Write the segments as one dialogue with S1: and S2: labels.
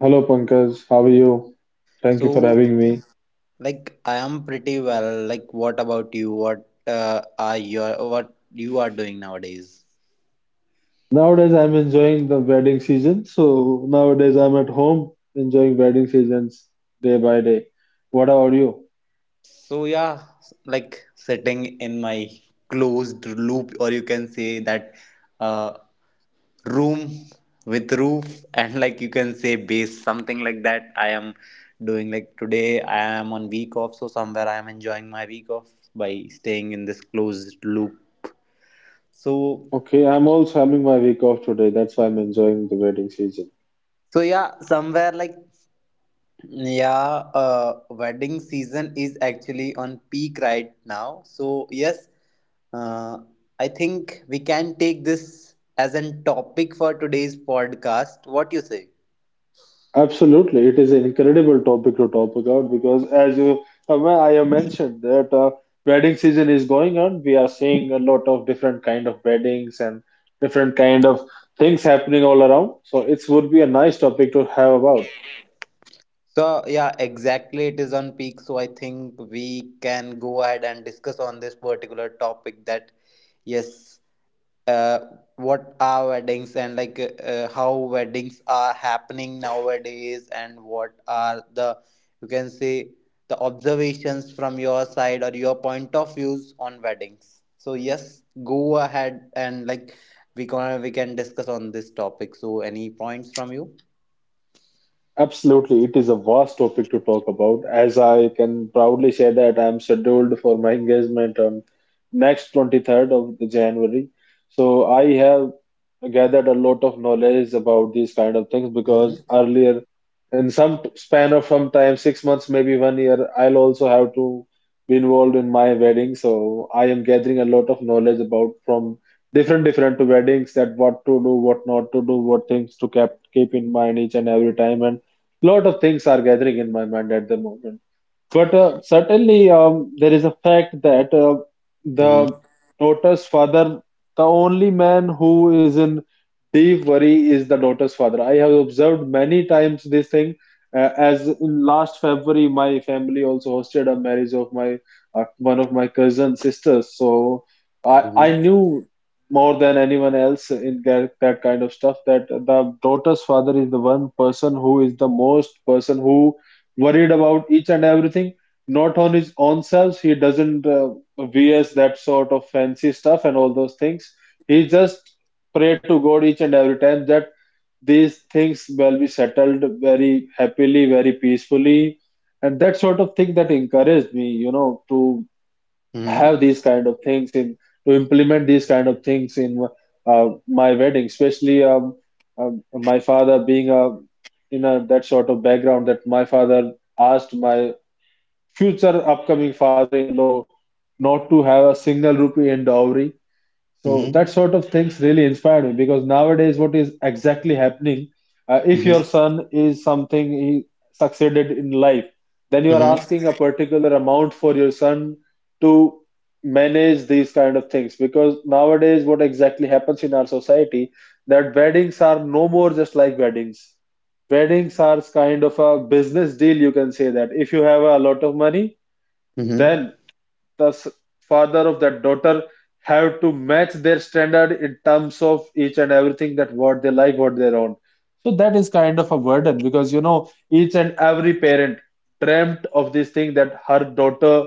S1: Hello Pankaj, how are you? Thank you for
S2: So,
S1: having me.
S2: like, I am pretty well. Like, what about you? What you are doing nowadays?
S1: Nowadays I'm enjoying the wedding season. So nowadays I'm at home enjoying wedding seasons day by day. What about you?
S2: So yeah, like sitting in my closed loop, or you can say that uh, room with roof, and like you can say base, something like that. I am doing like today. I am on week off, so somewhere I am enjoying my week off by staying in this closed loop. So
S1: Okay, I'm also having my week off today. That's why I'm enjoying the wedding season.
S2: so yeah, somewhere like yeah, wedding season is actually on peak right now. So, yes, uh, I think we can take this as an topic for today's podcast. What you say?
S1: Absolutely, it is an incredible topic to talk about because, as you, I have mentioned that wedding season is going on. We are seeing a lot of different kind of weddings and different kind of things happening all around. So it would be a nice topic to have about.
S2: So, yeah, exactly, it is on peak. So, I think we can go ahead and discuss on this particular topic that, yes, uh, what are weddings and how weddings are happening nowadays and what are the you can say the observations from your side or your point of views on weddings. So yes, go ahead and like we can discuss on this topic. So any points from you?
S1: Absolutely, it is a vast topic to talk about. As I can proudly say that I am scheduled for my engagement on next 23rd of the January. So I have gathered a lot of knowledge about these kind of things because
S2: Mm-hmm.
S1: earlier in some span of some time 6 months, maybe one year, I'll also have to be involved in my wedding. So I am gathering a lot of knowledge about from different different weddings, that what to do, what not to do, what things to keep in mind each and every time, and lot of things are gathering in my mind at the moment. But certainly, there is a fact that the
S2: Mm-hmm.
S1: daughter's father, the only man who is in deep worry is the daughter's father. I have observed many times this thing. As in last February, my family also hosted a marriage of my one of my cousin sisters. So I knew more than anyone else in that kind of stuff, that the daughter's father is the one person who is the most person who worried about each and everything. Not on his own selves, he doesn't vs that sort of fancy stuff and all those things. He just pray to god each and every time that these things will be settled very happily, very peacefully. And that sort of thing that encouraged me, you know, to have
S2: Mm-hmm.
S1: these kind of things in, to implement these kind of things in my wedding, especially my father being a, in a that sort of background, that my father asked my future upcoming father-in-law not to have a single rupee in dowry. So
S2: Mm-hmm.
S1: that sort of things really inspired me, because nowadays, what is exactly happening? If your son is something, he succeeded in life, then you are
S2: Mm-hmm.
S1: asking a particular amount for your son to manage these kind of things. Because nowadays, what exactly happens in our society, that weddings are no more just like weddings. Weddings are kind of a business deal, you can say that. If you have a lot of money,
S2: Mm-hmm.
S1: then the father of that daughter have to match their standard in terms of each and everything, that what they like, what they want. So that is kind of a burden, because you know, each and every parent dreamt of this thing, that her daughter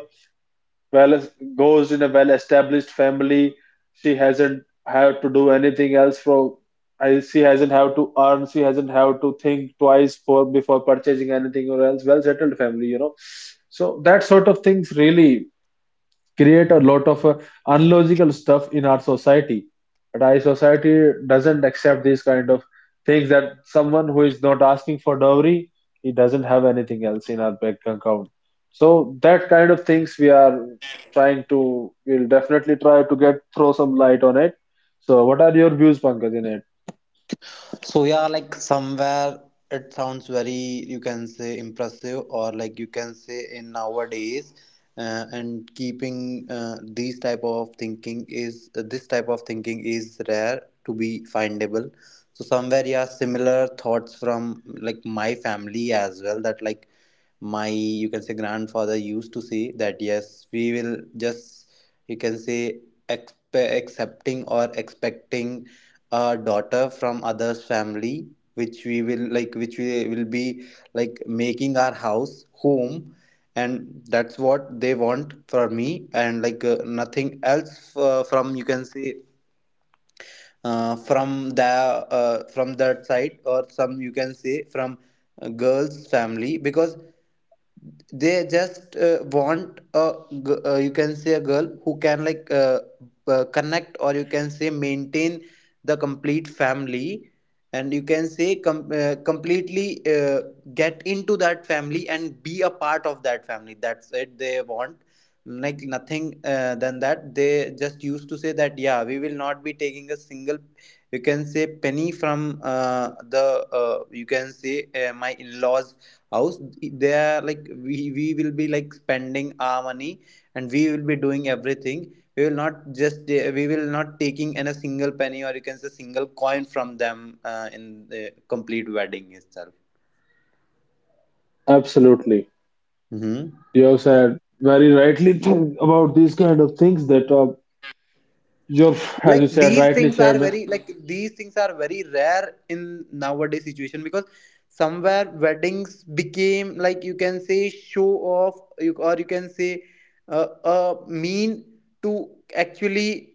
S1: well goes in a well established family, she hasn't have to do anything else for. She hasn't have to earn, she hasn't have to think twice for before purchasing anything, or else well settled family, you know. So that sort of things really create a lot of unlogical stuff in our society. But our society doesn't accept these kind of things, that someone who is not asking for dowry, he doesn't have anything else in our bank account. So that kind of things we are trying to, we'll definitely try to get throw some light on it. So what are your views, Pankaj, in it?
S2: So yeah, like somewhere it sounds very you can say impressive, or like you can say in nowadays, and keeping these type of thinking is this type of thinking is rare to be findable. So somewhere yeah, similar thoughts from like my family as well, that like my you can say grandfather used to say that yes, we will just you can say accepting or expecting a daughter from others family which we will like which we will be like making our house home, and that's what they want for me, and like nothing else from you can say uh, from that side, or some you can say from girls family, because they just uh, you can say a girl who can like uh, connect or you can say maintain the complete family, and you can say completely get into that family and be a part of that family. That's it they want, like nothing than that. They just used to say that yeah, we will not be taking a single you can say penny from the you can say my in-laws house. They are like we will be like spending our money, and we will be doing everything. We will not just we will not taking in a single penny, or you can say single coin from them in the complete wedding itself.
S1: Absolutely.
S2: Hmm,
S1: You have said very rightly about these kind of things that you have, as
S2: like
S1: you said
S2: these
S1: rightly,
S2: things are
S1: Chairman.
S2: very like these things are very rare in nowadays situation because somewhere weddings became like you can say show off, you, or you can say uh, a mean to actually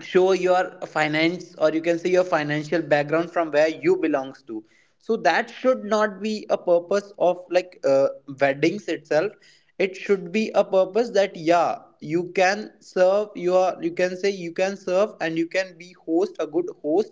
S2: show your finance, or you can say your financial background from where you belongs to. So that should not be a purpose of like weddings itself. It should be a purpose that yeah, you can serve your, you can say you can serve and you can be host a good host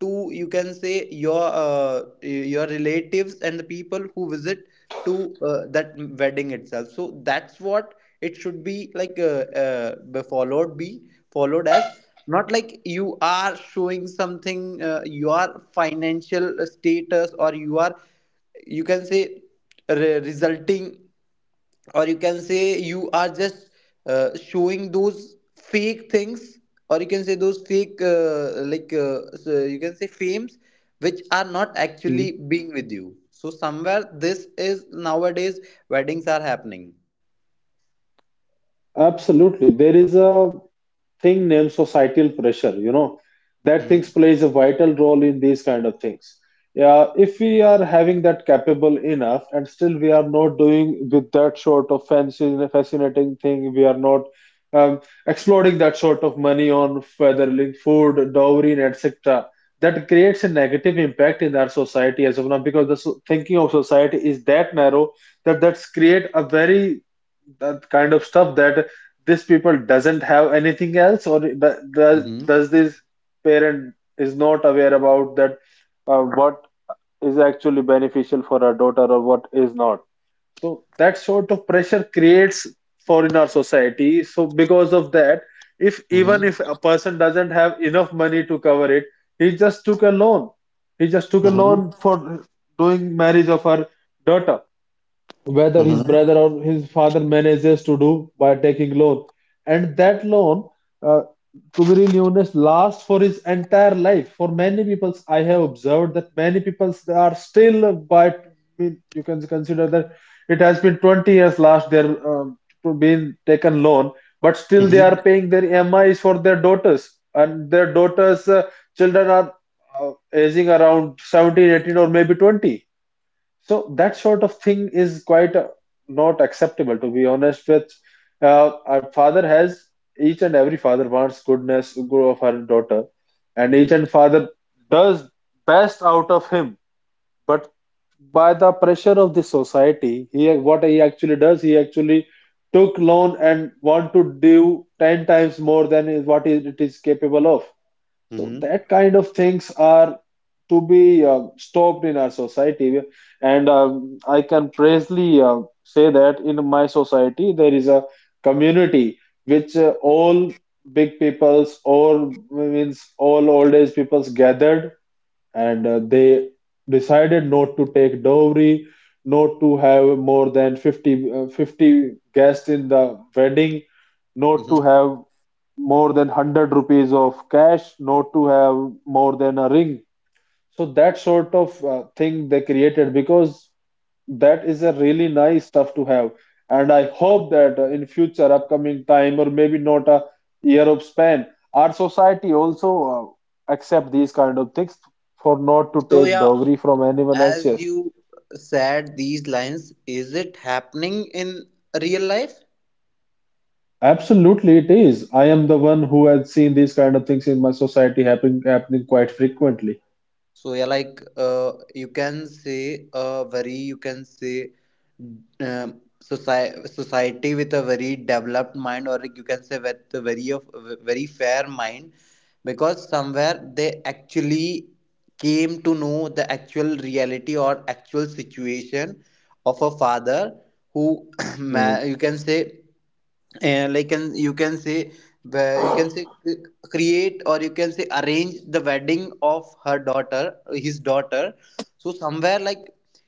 S2: to you can say your relatives and the people who visit to that wedding itself. So that's what it should be like be followed, be followed as, not like you are showing something your financial status, or you are you can say resulting or you can say you are just showing those fake things, or you can say those fake you can say fames which are not actually being with you. So somewhere this is nowadays weddings are happening.
S1: Absolutely. There is a thing named societal pressure, you know, that things
S2: Hmm.
S1: plays a vital role in these kind of things. Yeah, if we are having that capable enough and still we are not doing with that sort of fancy, fascinating thing, we are not um, exploring that sort of money on feathering food, dowry, and etc. That creates a negative impact in our society as of now, because the thinking of society is that narrow, that that's create a very, that kind of stuff, that this people doesn't have anything else, or does,
S2: Hmm.
S1: does this parent is not aware about that what is actually beneficial for our daughter or what is not. So that sort of pressure creates for in our society. So because of that, if even
S2: Mm-hmm.
S1: if a person doesn't have enough money to cover it, he just took a loan he just took a
S2: Hmm.
S1: loan for doing marriage of her daughter, whether his brother or his father manages to do by taking loan. And that loan, uh, to be really honest, lasts for his entire life. For many people I have observed that many people, they are still by, you can consider that it has been 20 years last their to been taken loan, but still they are
S2: Hmm.
S1: paying their EMIs for their daughters, and their daughters children are aging around 17, 18, or maybe 20. So that sort of thing is quite not acceptable, to be honest with. Our father has, each and every father wants goodness to of her daughter, and each
S2: Hmm.
S1: and father does best out of him. But by the pressure of the society, he what he actually does, he actually took loan and want to do 10 times more than is what it is capable of. So
S2: Hmm.
S1: that kind of things are to be stopped in our society. And I can precisely say that in my society there is a community which all big peoples, all means all old age peoples gathered, and they decided not to take dowry, not to have more than 50 guests in the wedding, not to
S2: Hmm.
S1: have more than 100 rupees of cash, not to have more than a ring. So that sort of thing they created, because that is a really nice stuff to have. And I hope that in future, upcoming time, or maybe not a year of span, our society also accept these kind of things for not to
S2: So
S1: take
S2: yeah,
S1: dowry from anyone else.
S2: as
S1: Yes,
S2: you said, these lines is it happening in real life?
S1: absolutely, it is. I am the one who has seen these kind of things in my society happening quite frequently.
S2: So yeah, like you can say a very you can say society with a very developed mind, or like, you can say with a very of very fair mind, because somewhere they actually came to know the actual reality or actual situation of a father who
S1: Mhm.
S2: you can say like can you can say where you can say create or you can say arrange the wedding of her daughter, his daughter. So somewhere like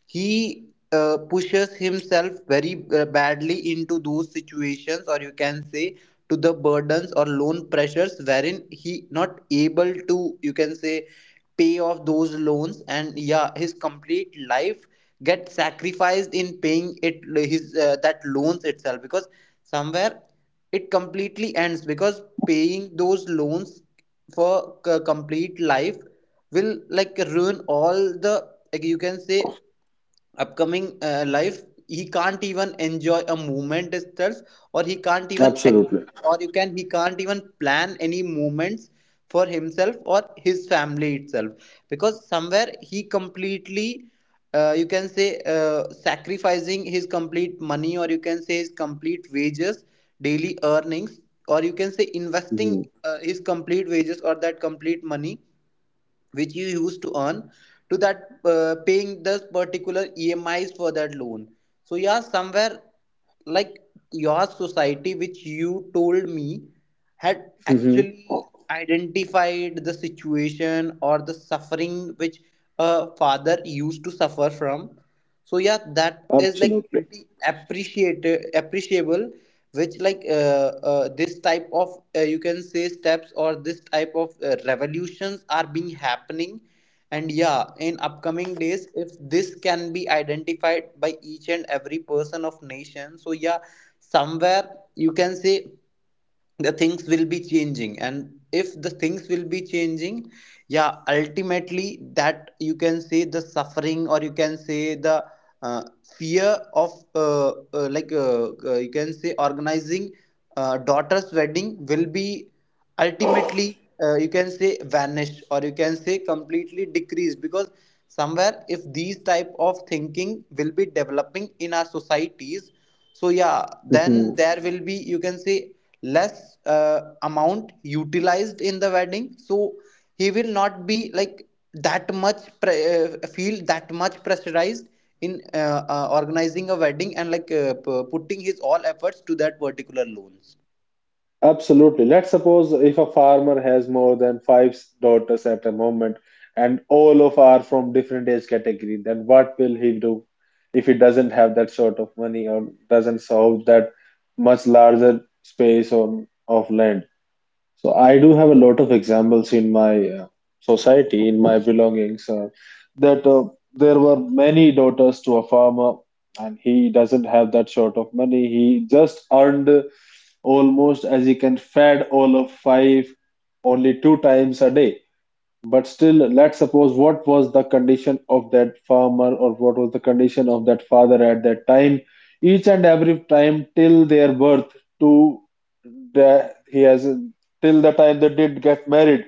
S2: he pushes himself very badly into those situations, or you can say to the burdens or loan pressures, wherein he not able to you can say pay off those loans, and yeah, his complete life gets sacrificed in paying it, his that loans itself, because somewhere it completely ends because paying those loans for complete life will like ruin all the like you can say upcoming life. He can't even enjoy a movement itself, or he can't even
S1: Absolutely.
S2: expect, or you can he can't even plan any movements for himself or his family itself, because somewhere he completely you can say sacrificing his complete money, or you can say his complete wages, daily earnings, or you can say investing
S1: Hmm.
S2: his complete wages or that complete money which you used to earn to that paying this particular EMIs for that loan. So yeah, somewhere like your society, which you told me, had
S1: Hmm.
S2: actually identified the situation or the suffering which a father used to suffer from. So yeah, that is like
S1: Absolutely.
S2: pretty appreciated, appreciable, which like this type of you can say steps, or this type of revolutions are being happening. And yeah, in upcoming days, if this can be identified by each and every person of nation, so yeah, somewhere you can say the things will be changing, and if the things will be changing, yeah, ultimately that you can say the suffering, or you can say the uh, fear of you can say organizing daughter's wedding will be ultimately you can say vanished, or you can say completely decreased, because somewhere if these type of thinking will be developing in our societies, so yeah, then
S1: Mhm.
S2: there will be you can say less amount utilized in the wedding, so he will not be like that much feel that much pressurized in organizing a wedding, and like uh, putting his all efforts to that particular loans.
S1: Absolutely. Let's suppose if a farmer has more than 5 daughters at a moment, and all of are from different age category, then what will he do if he doesn't have that sort of money or doesn't solve that much larger space on of land? So I do have a lot of examples in my society, in my belongings, that there were many daughters to a farmer, and he doesn't have that sort of money. He just earned almost as he can fed all of five only two times a day. But still, let's suppose what was the condition of that farmer, or what was the condition of that father at that time, each and every time till their birth to the, he has till the time they did get married.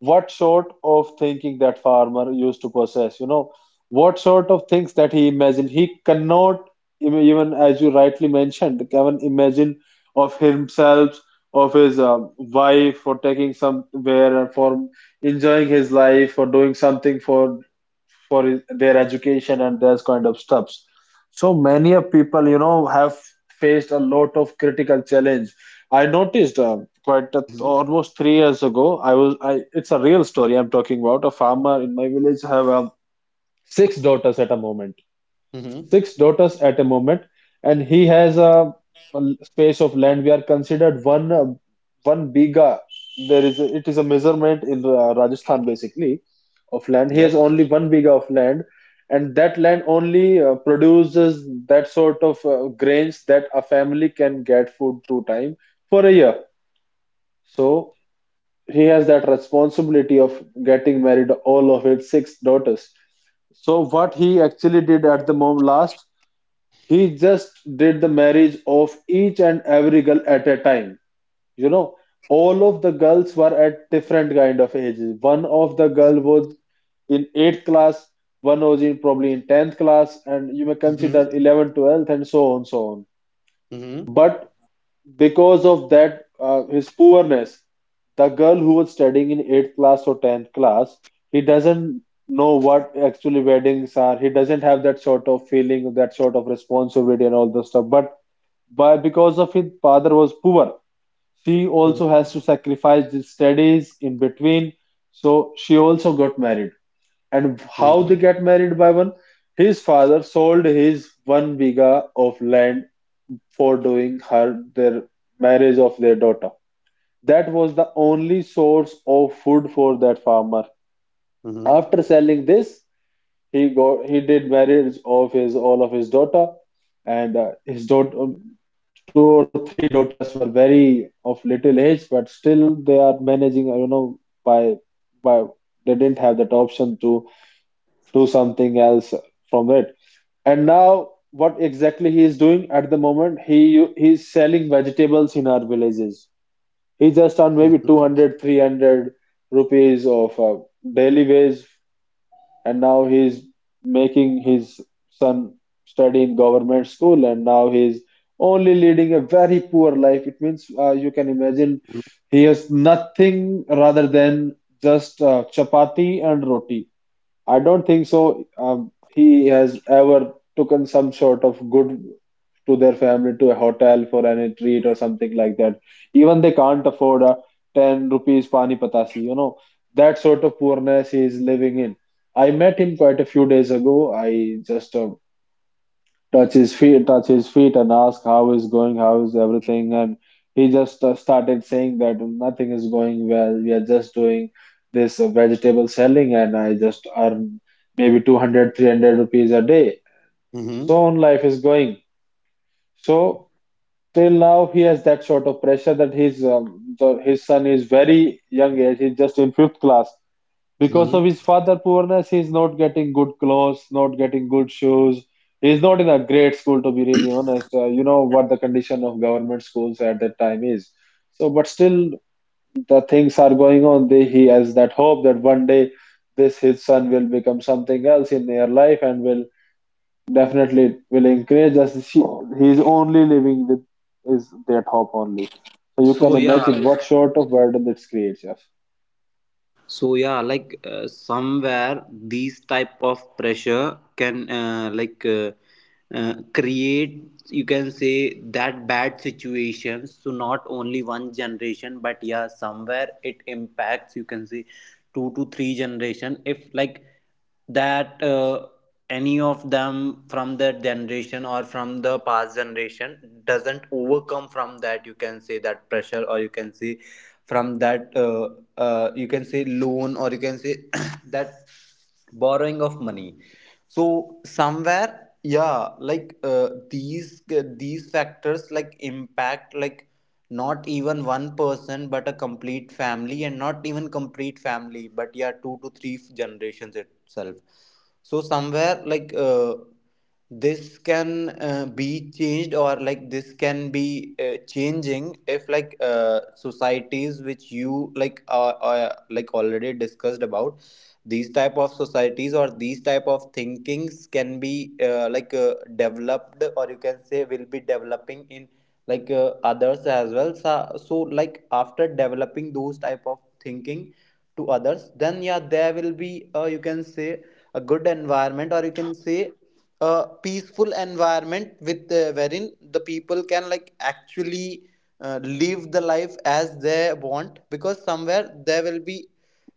S1: What sort of thinking that farmer used to possess? You know, what sort of things that he imagined? He cannot even, even as you rightly mentioned, Kevin, imagine of himself, of his wife, for taking somewhere for enjoying his life or doing something for his, their education and those kind of stuffs. So many of people, you know, have faced a lot of critical challenge. I noticed quite a,
S2: Mm-hmm.
S1: almost 3 years ago, I it's a real story, I'm talking about a farmer in my village have 6 daughters at a moment,
S2: Mm-hmm.
S1: six daughters at a moment, and he has a space of land. We are considered one one biga. There is a, it is a measurement in Rajasthan basically of land. He has
S2: Yep.
S1: only one biga of land, and that land only produces that sort of grains that a family can get food two time for a year. So he has that responsibility of getting married all of his 6 daughters. So what he actually did at the mom last, he just did the marriage of each and every girl at a time. You know, all of the girls were at different kind of ages. One of the girl was in 8th class, one was in probably in 10th class, and you may
S2: Mm-hmm.
S1: consider 11, twelfth, and so on, so on.
S2: Mm-hmm.
S1: But because of that, his poorness, the girl who was studying in 8th class or 10th class, he doesn't know what actually weddings are. He doesn't have that sort of feeling, that sort of responsibility and all the stuff. But by because of his father was poor, she also has to sacrifice the studies in between. So she also got married. And how they
S2: Mm-hmm.
S1: get married by one? His father sold his one biga of land for doing her their marriage of their daughter. That was the only source of food for that farmer.
S2: Mm-hmm.
S1: After selling this, he did marriage of his all of his daughter, and his daughter two or three daughters were very of little age, but still they are managing. By by they didn't have that option to do something else from it. And now, what exactly he is doing at the moment? He is selling vegetables in our villages. He's just on maybe 200, 300 rupees of daily wage, and now he's making his son study in government school, and now he's only leading a very poor life. It means you can imagine he has nothing rather than just chapati and roti. I don't think so. He has ever taken some sort of good to their family to a hotel for any treat or something like that. Even they can't afford a 10 rupees pani patasi, that sort of poorness he is living in. I met him quite a few days ago. I just touch his feet, and ask how is going, how is everything, and he just started saying that nothing is going well. We are just doing this vegetable selling, and I just earn maybe 200, 300 rupees a day.
S2: Mm-hmm.
S1: So on life is going. So till now he has that sort of pressure that his son is very young age. He's just in fifth class because of
S2: Mm-hmm.
S1: his father poorness. He's not getting good clothes, not getting good shoes. He's not in a great school, to be really honest. You know what the condition of government schools at that time is. So but still the things are going on. He has that hope that one day this his son will become something else in their life, and will definitely will encourage us. He's only living with is that hope only. So you
S2: So
S1: can
S2: yeah,
S1: imagine
S2: like,
S1: what sort of burden it creates us.
S2: somewhere these type of pressure can create you can say that bad situations. So not only one generation but yeah, somewhere it impacts you can say two to three generation if like that any of them from that generation or from the past generation doesn't overcome from that you can say that pressure, or you can say from that you can say loan, or you can say that borrowing of money. So somewhere yeah, like these factors like impact like not even one person but a complete family, and not even complete family but yeah, two to three generations itself. So somewhere like this can be changed, or like this can be changing if like societies which you like already discussed about, these type of societies or these type of thinkings can be developed, or you can say will be developing in like others as well. So, so like after developing those type of thinking to others, then yeah, there will be you can say a good environment, or you can say a peaceful environment with wherein the people can like actually live the life as they want, because somewhere there will be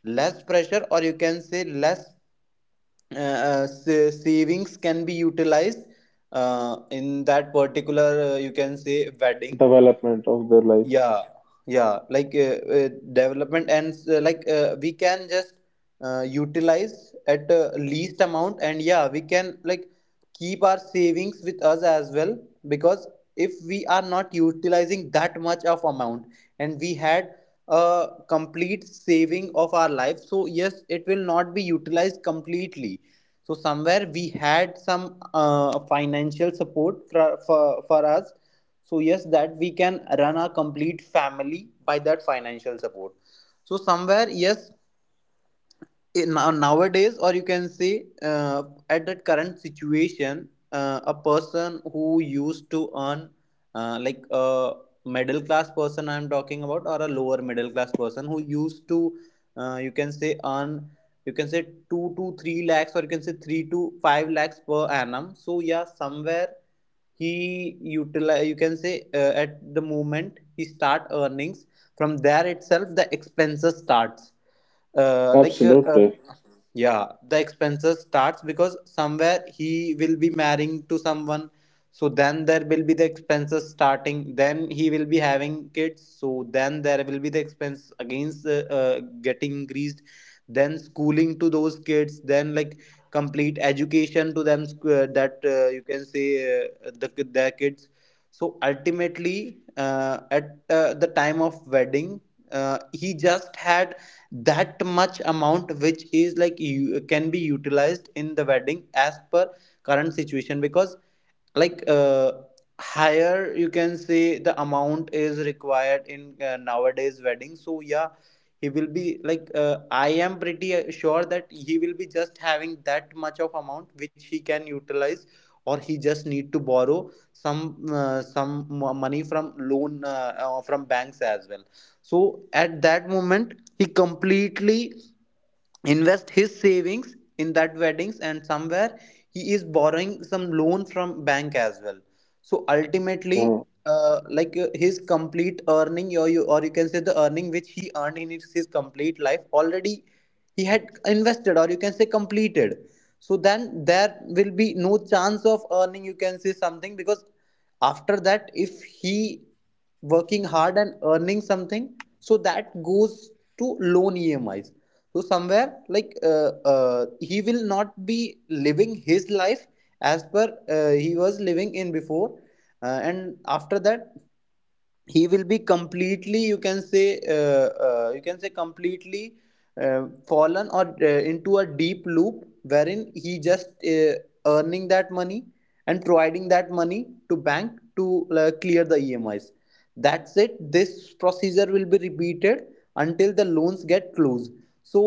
S2: less pressure, or you can say less savings can be utilized in that particular you can say wedding.
S1: Development of their life.
S2: Yeah, yeah, like development, and we can just utilize at least amount, and yeah, we can like keep our savings with us as well, because if we are not utilizing that much of amount, and we had a complete saving of our life, so yes, it will not be utilized completely. So somewhere we had some financial support for, us. So yes, that we can run a complete family by that financial support. So somewhere yes, in, nowadays, or you can say at that current situation, a person who used to earn like a middle class person, I'm talking about, or a lower middle class person, who used to you can say earn you can say 2 to 3 lakhs, or you can say 3 to 5 lakhs per annum. So yeah, somewhere he utilize you can say at the moment he start earnings, from there itself the expenses starts uh, like uh, uh,
S1: Absolutely.
S2: yeah, the expenses starts because somewhere he will be marrying to someone. So then there will be the expenses starting. Then he will be having kids. So then there will be the expense against getting increased. Then schooling to those kids. Then like complete education to them sc- that you can say the their kids. So ultimately, at the time of wedding, he just had that much amount which is like you can be utilized in the wedding as per current situation, because like higher you can say the amount is required in nowadays wedding. So yeah, he will be like I am pretty sure that he will be just having that much of amount which he can utilize, or he just need to borrow some mo- money from loan from banks as well. So at that moment he completely invest his savings in that weddings, and somewhere he is borrowing some loan from bank as well. So ultimately
S1: Mm,
S2: his complete earning, or you can say the earning which he earned in his complete life already, he had invested, or you can say completed. So then there will be no chance of earning you can say something, because after that if he working hard and earning something, so that goes to loan emis. So somewhere like he will not be living his life as per he was living in before and after that he will be completely you can say completely fallen or into a deep loop wherein he just earning that money and providing that money to bank to clear the emis. That's it, this procedure will be repeated until the loans get closed. So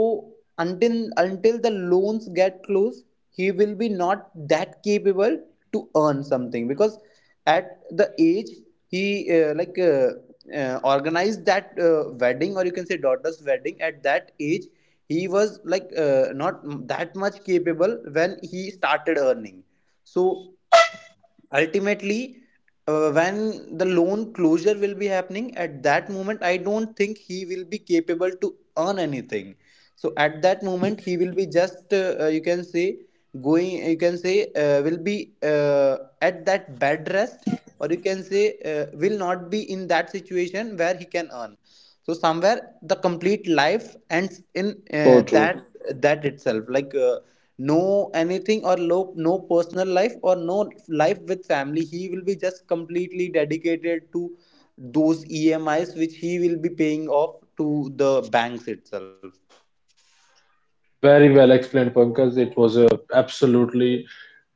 S2: until the loans get closed, he will be not that capable to earn something, because at the age he organized that wedding, or you can say daughter's wedding, at that age he was like not that much capable when he started earning. So ultimately when the loan closure will be happening, at that moment I don't think he will be capable to earn anything. So at that moment he will be just you can say going, you can say will be at that bed rest, or you can say will not be in that situation where he can earn. So somewhere the complete life ends in that
S1: so
S2: itself
S1: true.
S2: like no anything or low, no personal life or no life with family. He will be just completely dedicated to those emis which he will be paying off to the banks itself.
S1: Very well explained, Pankaj. It was a absolutely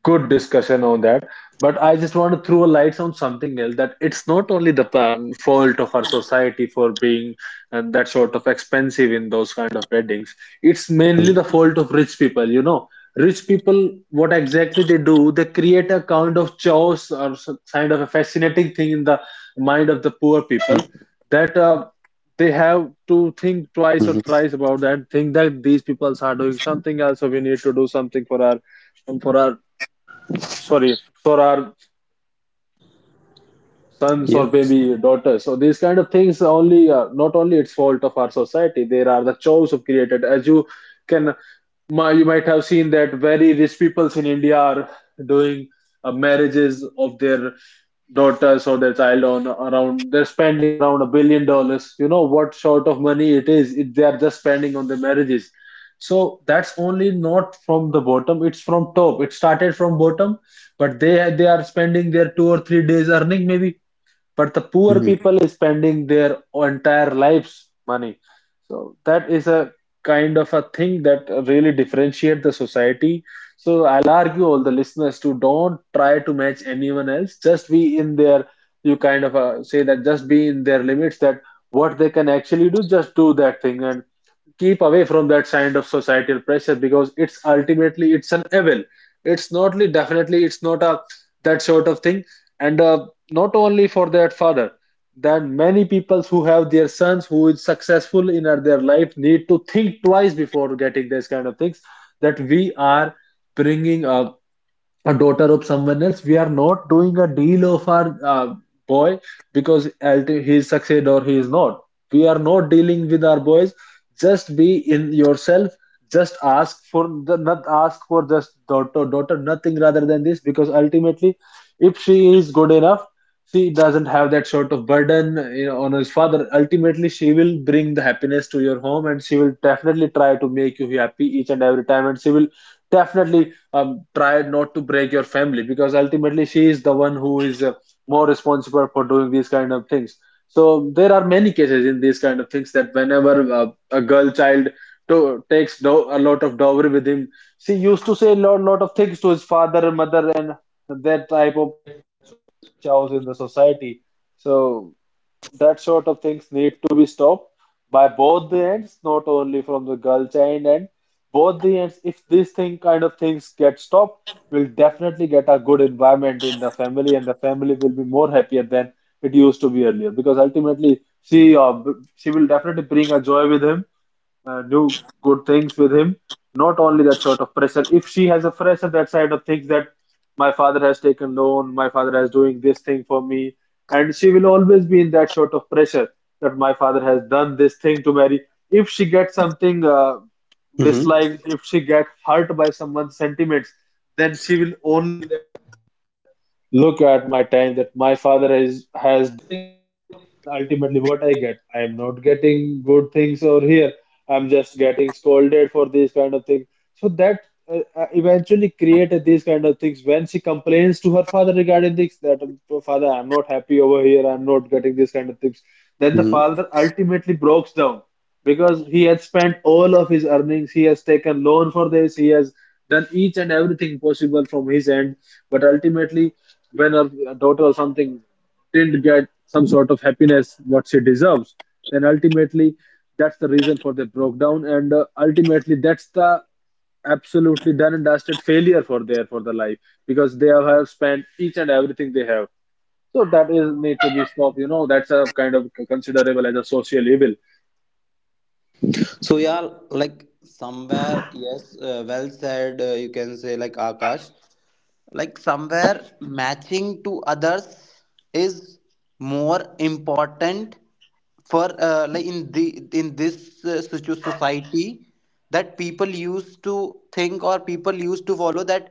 S1: good discussion on that, but I just want to throw a light on something else that it's not only the fault of our society for being that sort of expensive in those kind of weddings. It's mainly the fault of rich people. Rich people, what exactly they do, they create a kind of chaos, or kind of a fascinating thing in the mind of the poor people, that they have to think
S3: Hmm.
S1: twice or thrice about that, think that these people are doing something else, so we need to do something for our, for our sorry, for our sons or
S3: Yes.
S1: maybe daughters. So these kind of things only, not only it's fault of our society, there are the chores of created as you can. My, you might have seen that very rich peoples in India are doing marriages of their daughters or their child on around they're spending around $1 billion. You know what sort of money it is if they are just spending on their marriages. So that's only not from the bottom, it's from top. It started from bottom, but they are spending their 2 or 3 days earning maybe, but the poor
S3: Hmm.
S1: people is spending their entire lives money. So that is a kind of a thing that really differentiate the society. So I'll argue all the listeners to don't try to match anyone else, just be in their, you kind of say that, just be in their limits that what they can actually do, just do that thing and keep away from that kind of societal pressure, because it's ultimately it's an evil. It's not definitely it's not a that sort of thing. And not only for that father, that many people who have their sons who is successful in their life need to think twice before getting this kind of things, that we are bringing up a daughter of someone else. We are not doing a deal of our boy, because he succeed or he is not, we are not dealing with our boys. Just be in yourself. Just ask for the not ask for, just daughter daughter nothing rather than this, because ultimately if she is good enough, she doesn't have that sort of burden, you know, on his father. Ultimately she will bring the happiness to your home, and she will definitely try to make you happy each and every time, and she will definitely try not to break your family, because ultimately she is the one who is more responsible for doing these kind of things. So there are many cases in these kind of things that whenever a girl child takes a lot of dowry with him, she used to say a lot, lot of things to his father and mother, and that type of chaos in the society. So that sort of things need to be stopped by both the ends, not only from the girl child end. Both the ends, if this thing kind of things get stopped, will definitely get a good environment in the family, and the family will be more happier than it used to be earlier, because ultimately she uh, she will definitely bring a joy with him, do good things with him. Not only that sort of pressure. If she has a pressure that side of things, that my father has taken loan, my father has doing this thing for me, and she will always be in that sort of pressure that my father has done this thing to Mary. If she gets something
S3: Hmm.
S1: disliked, if she get hurt by someone's sentiments, then she will only look at my time that my father is has, ultimately what I get, I'm not getting good things over here, I'm just getting scolded for these kind of things. So that eventually created these kind of things, when she complains to her father regarding this that "Oh, father, I'm not happy over here, I'm not getting these kind of things." Then the
S3: Hmm.
S1: father ultimately breaks down, because he had spent all of his earnings, he has taken loan for this, he has done each and everything possible from his end. But ultimately when her daughter or something didn't get some sort of happiness what she deserves, then ultimately that's the reason for their broke down, and ultimately that's the absolutely done and dusted failure for their for the life, because they have spent each and everything they have. So that is need to be stopped, you know, that's a kind of considerable as a social evil.
S3: So yeah, like somewhere, yes, well said. You can say like Akash. Like somewhere matching to others is more important for like in this society that people used to think or people used to follow that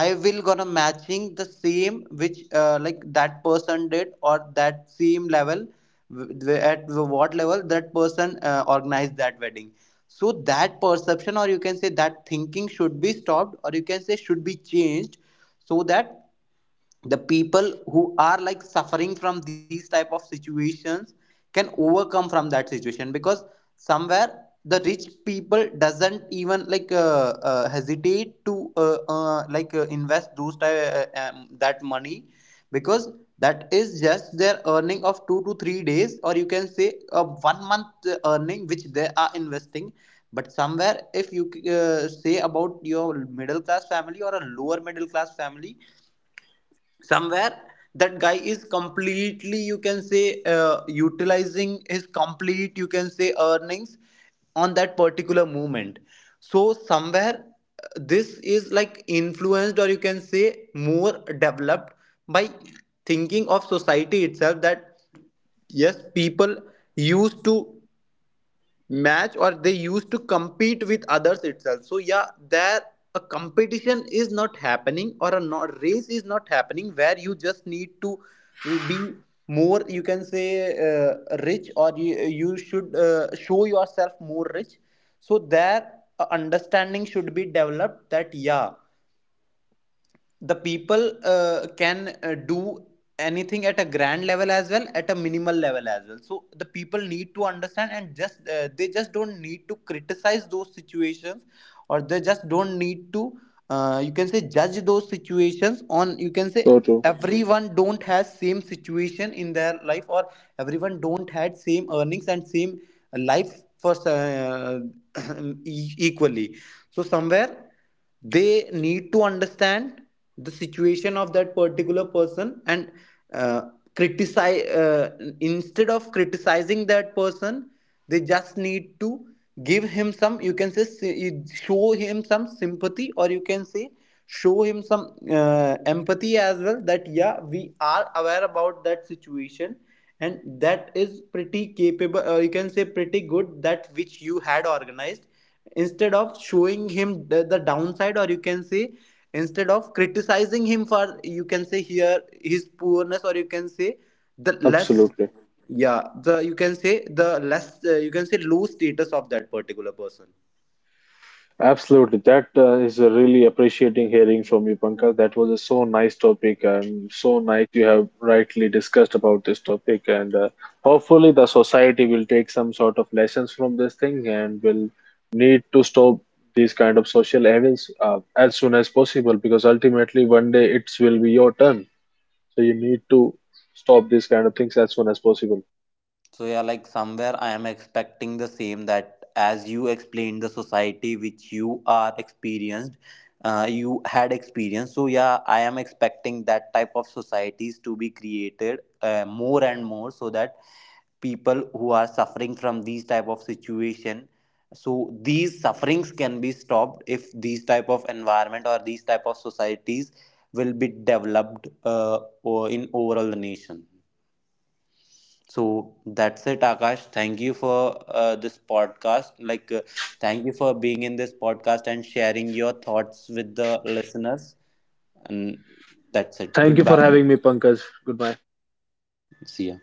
S3: I will gonna matching the same which like that person did or that same level, at what level that person organized that wedding. So that perception, or you can say that thinking, should be stopped, or you can say should be changed, so that the people who are like suffering from these type of situations can overcome from that situation, because somewhere the rich people doesn't even like hesitate to like invest those type, that money, because that is just their earning of 2 to 3 days, or you can say a one month earning, which they are investing. But somewhere if you say about your middle class family or a lower middle class family, somewhere that guy is completely, you can say, utilizing his complete, you can say, earnings on that particular movement. So somewhere this is like influenced, or you can say more developed, by thinking of society itself, that yes, people used to match, or they used to compete with others itself. So yeah, there a competition is not happening, or a not, race is not happening, where you just need to be more, you can say, rich, or you should show yourself more rich. So there a understanding should be developed, that yeah, the people can do anything at a grand level as well, at a minimal level as well. So the people need to understand and just they just don't need to criticize those situations, or they just don't need to you can say judge those situations on, you can say,
S1: So true.
S3: everyone don't has same situation in their life, or everyone don't had same earnings and same life for equally. So somewhere they need to understand the situation of that particular person and uh, criticize instead of criticizing that person, they just need to give him some, you can say, show him some sympathy, or you can say, show him some empathy as well, that yeah, we are aware about that situation and that is pretty capable, or you can say pretty good, that which you had organized, instead of showing him the downside, or you can say, instead of criticizing him for, you can say, here his poorness, or you can say the less,
S1: Absolutely.
S3: yeah, the, you can say, the less you can say low status of that particular person.
S1: Absolutely. That is a really appreciating hearing from you, Pankaj. That was a so nice topic, and so nice you have rightly discussed about this topic. And hopefully the society will take some sort of lessons from this thing and will need to stop these kind of social evils as soon as possible, because ultimately one day it will be your turn. So you need to stop these kind of things as soon as possible.
S3: So yeah, like somewhere I am expecting the same, that as you explained the society which you are experienced, you had experienced. So yeah, I am expecting that type of societies to be created more and more, so that people who are suffering from these type of situation, so these sufferings can be stopped if these type of environment or these type of societies will be developed in overall the nation. So that's it, Akash. Thank you for this podcast, like thank you for being in this podcast and sharing your thoughts with the listeners. And that's it,
S1: Thank you for
S3: goodbye.
S1: having me, Pankaj. Goodbye.
S3: See ya.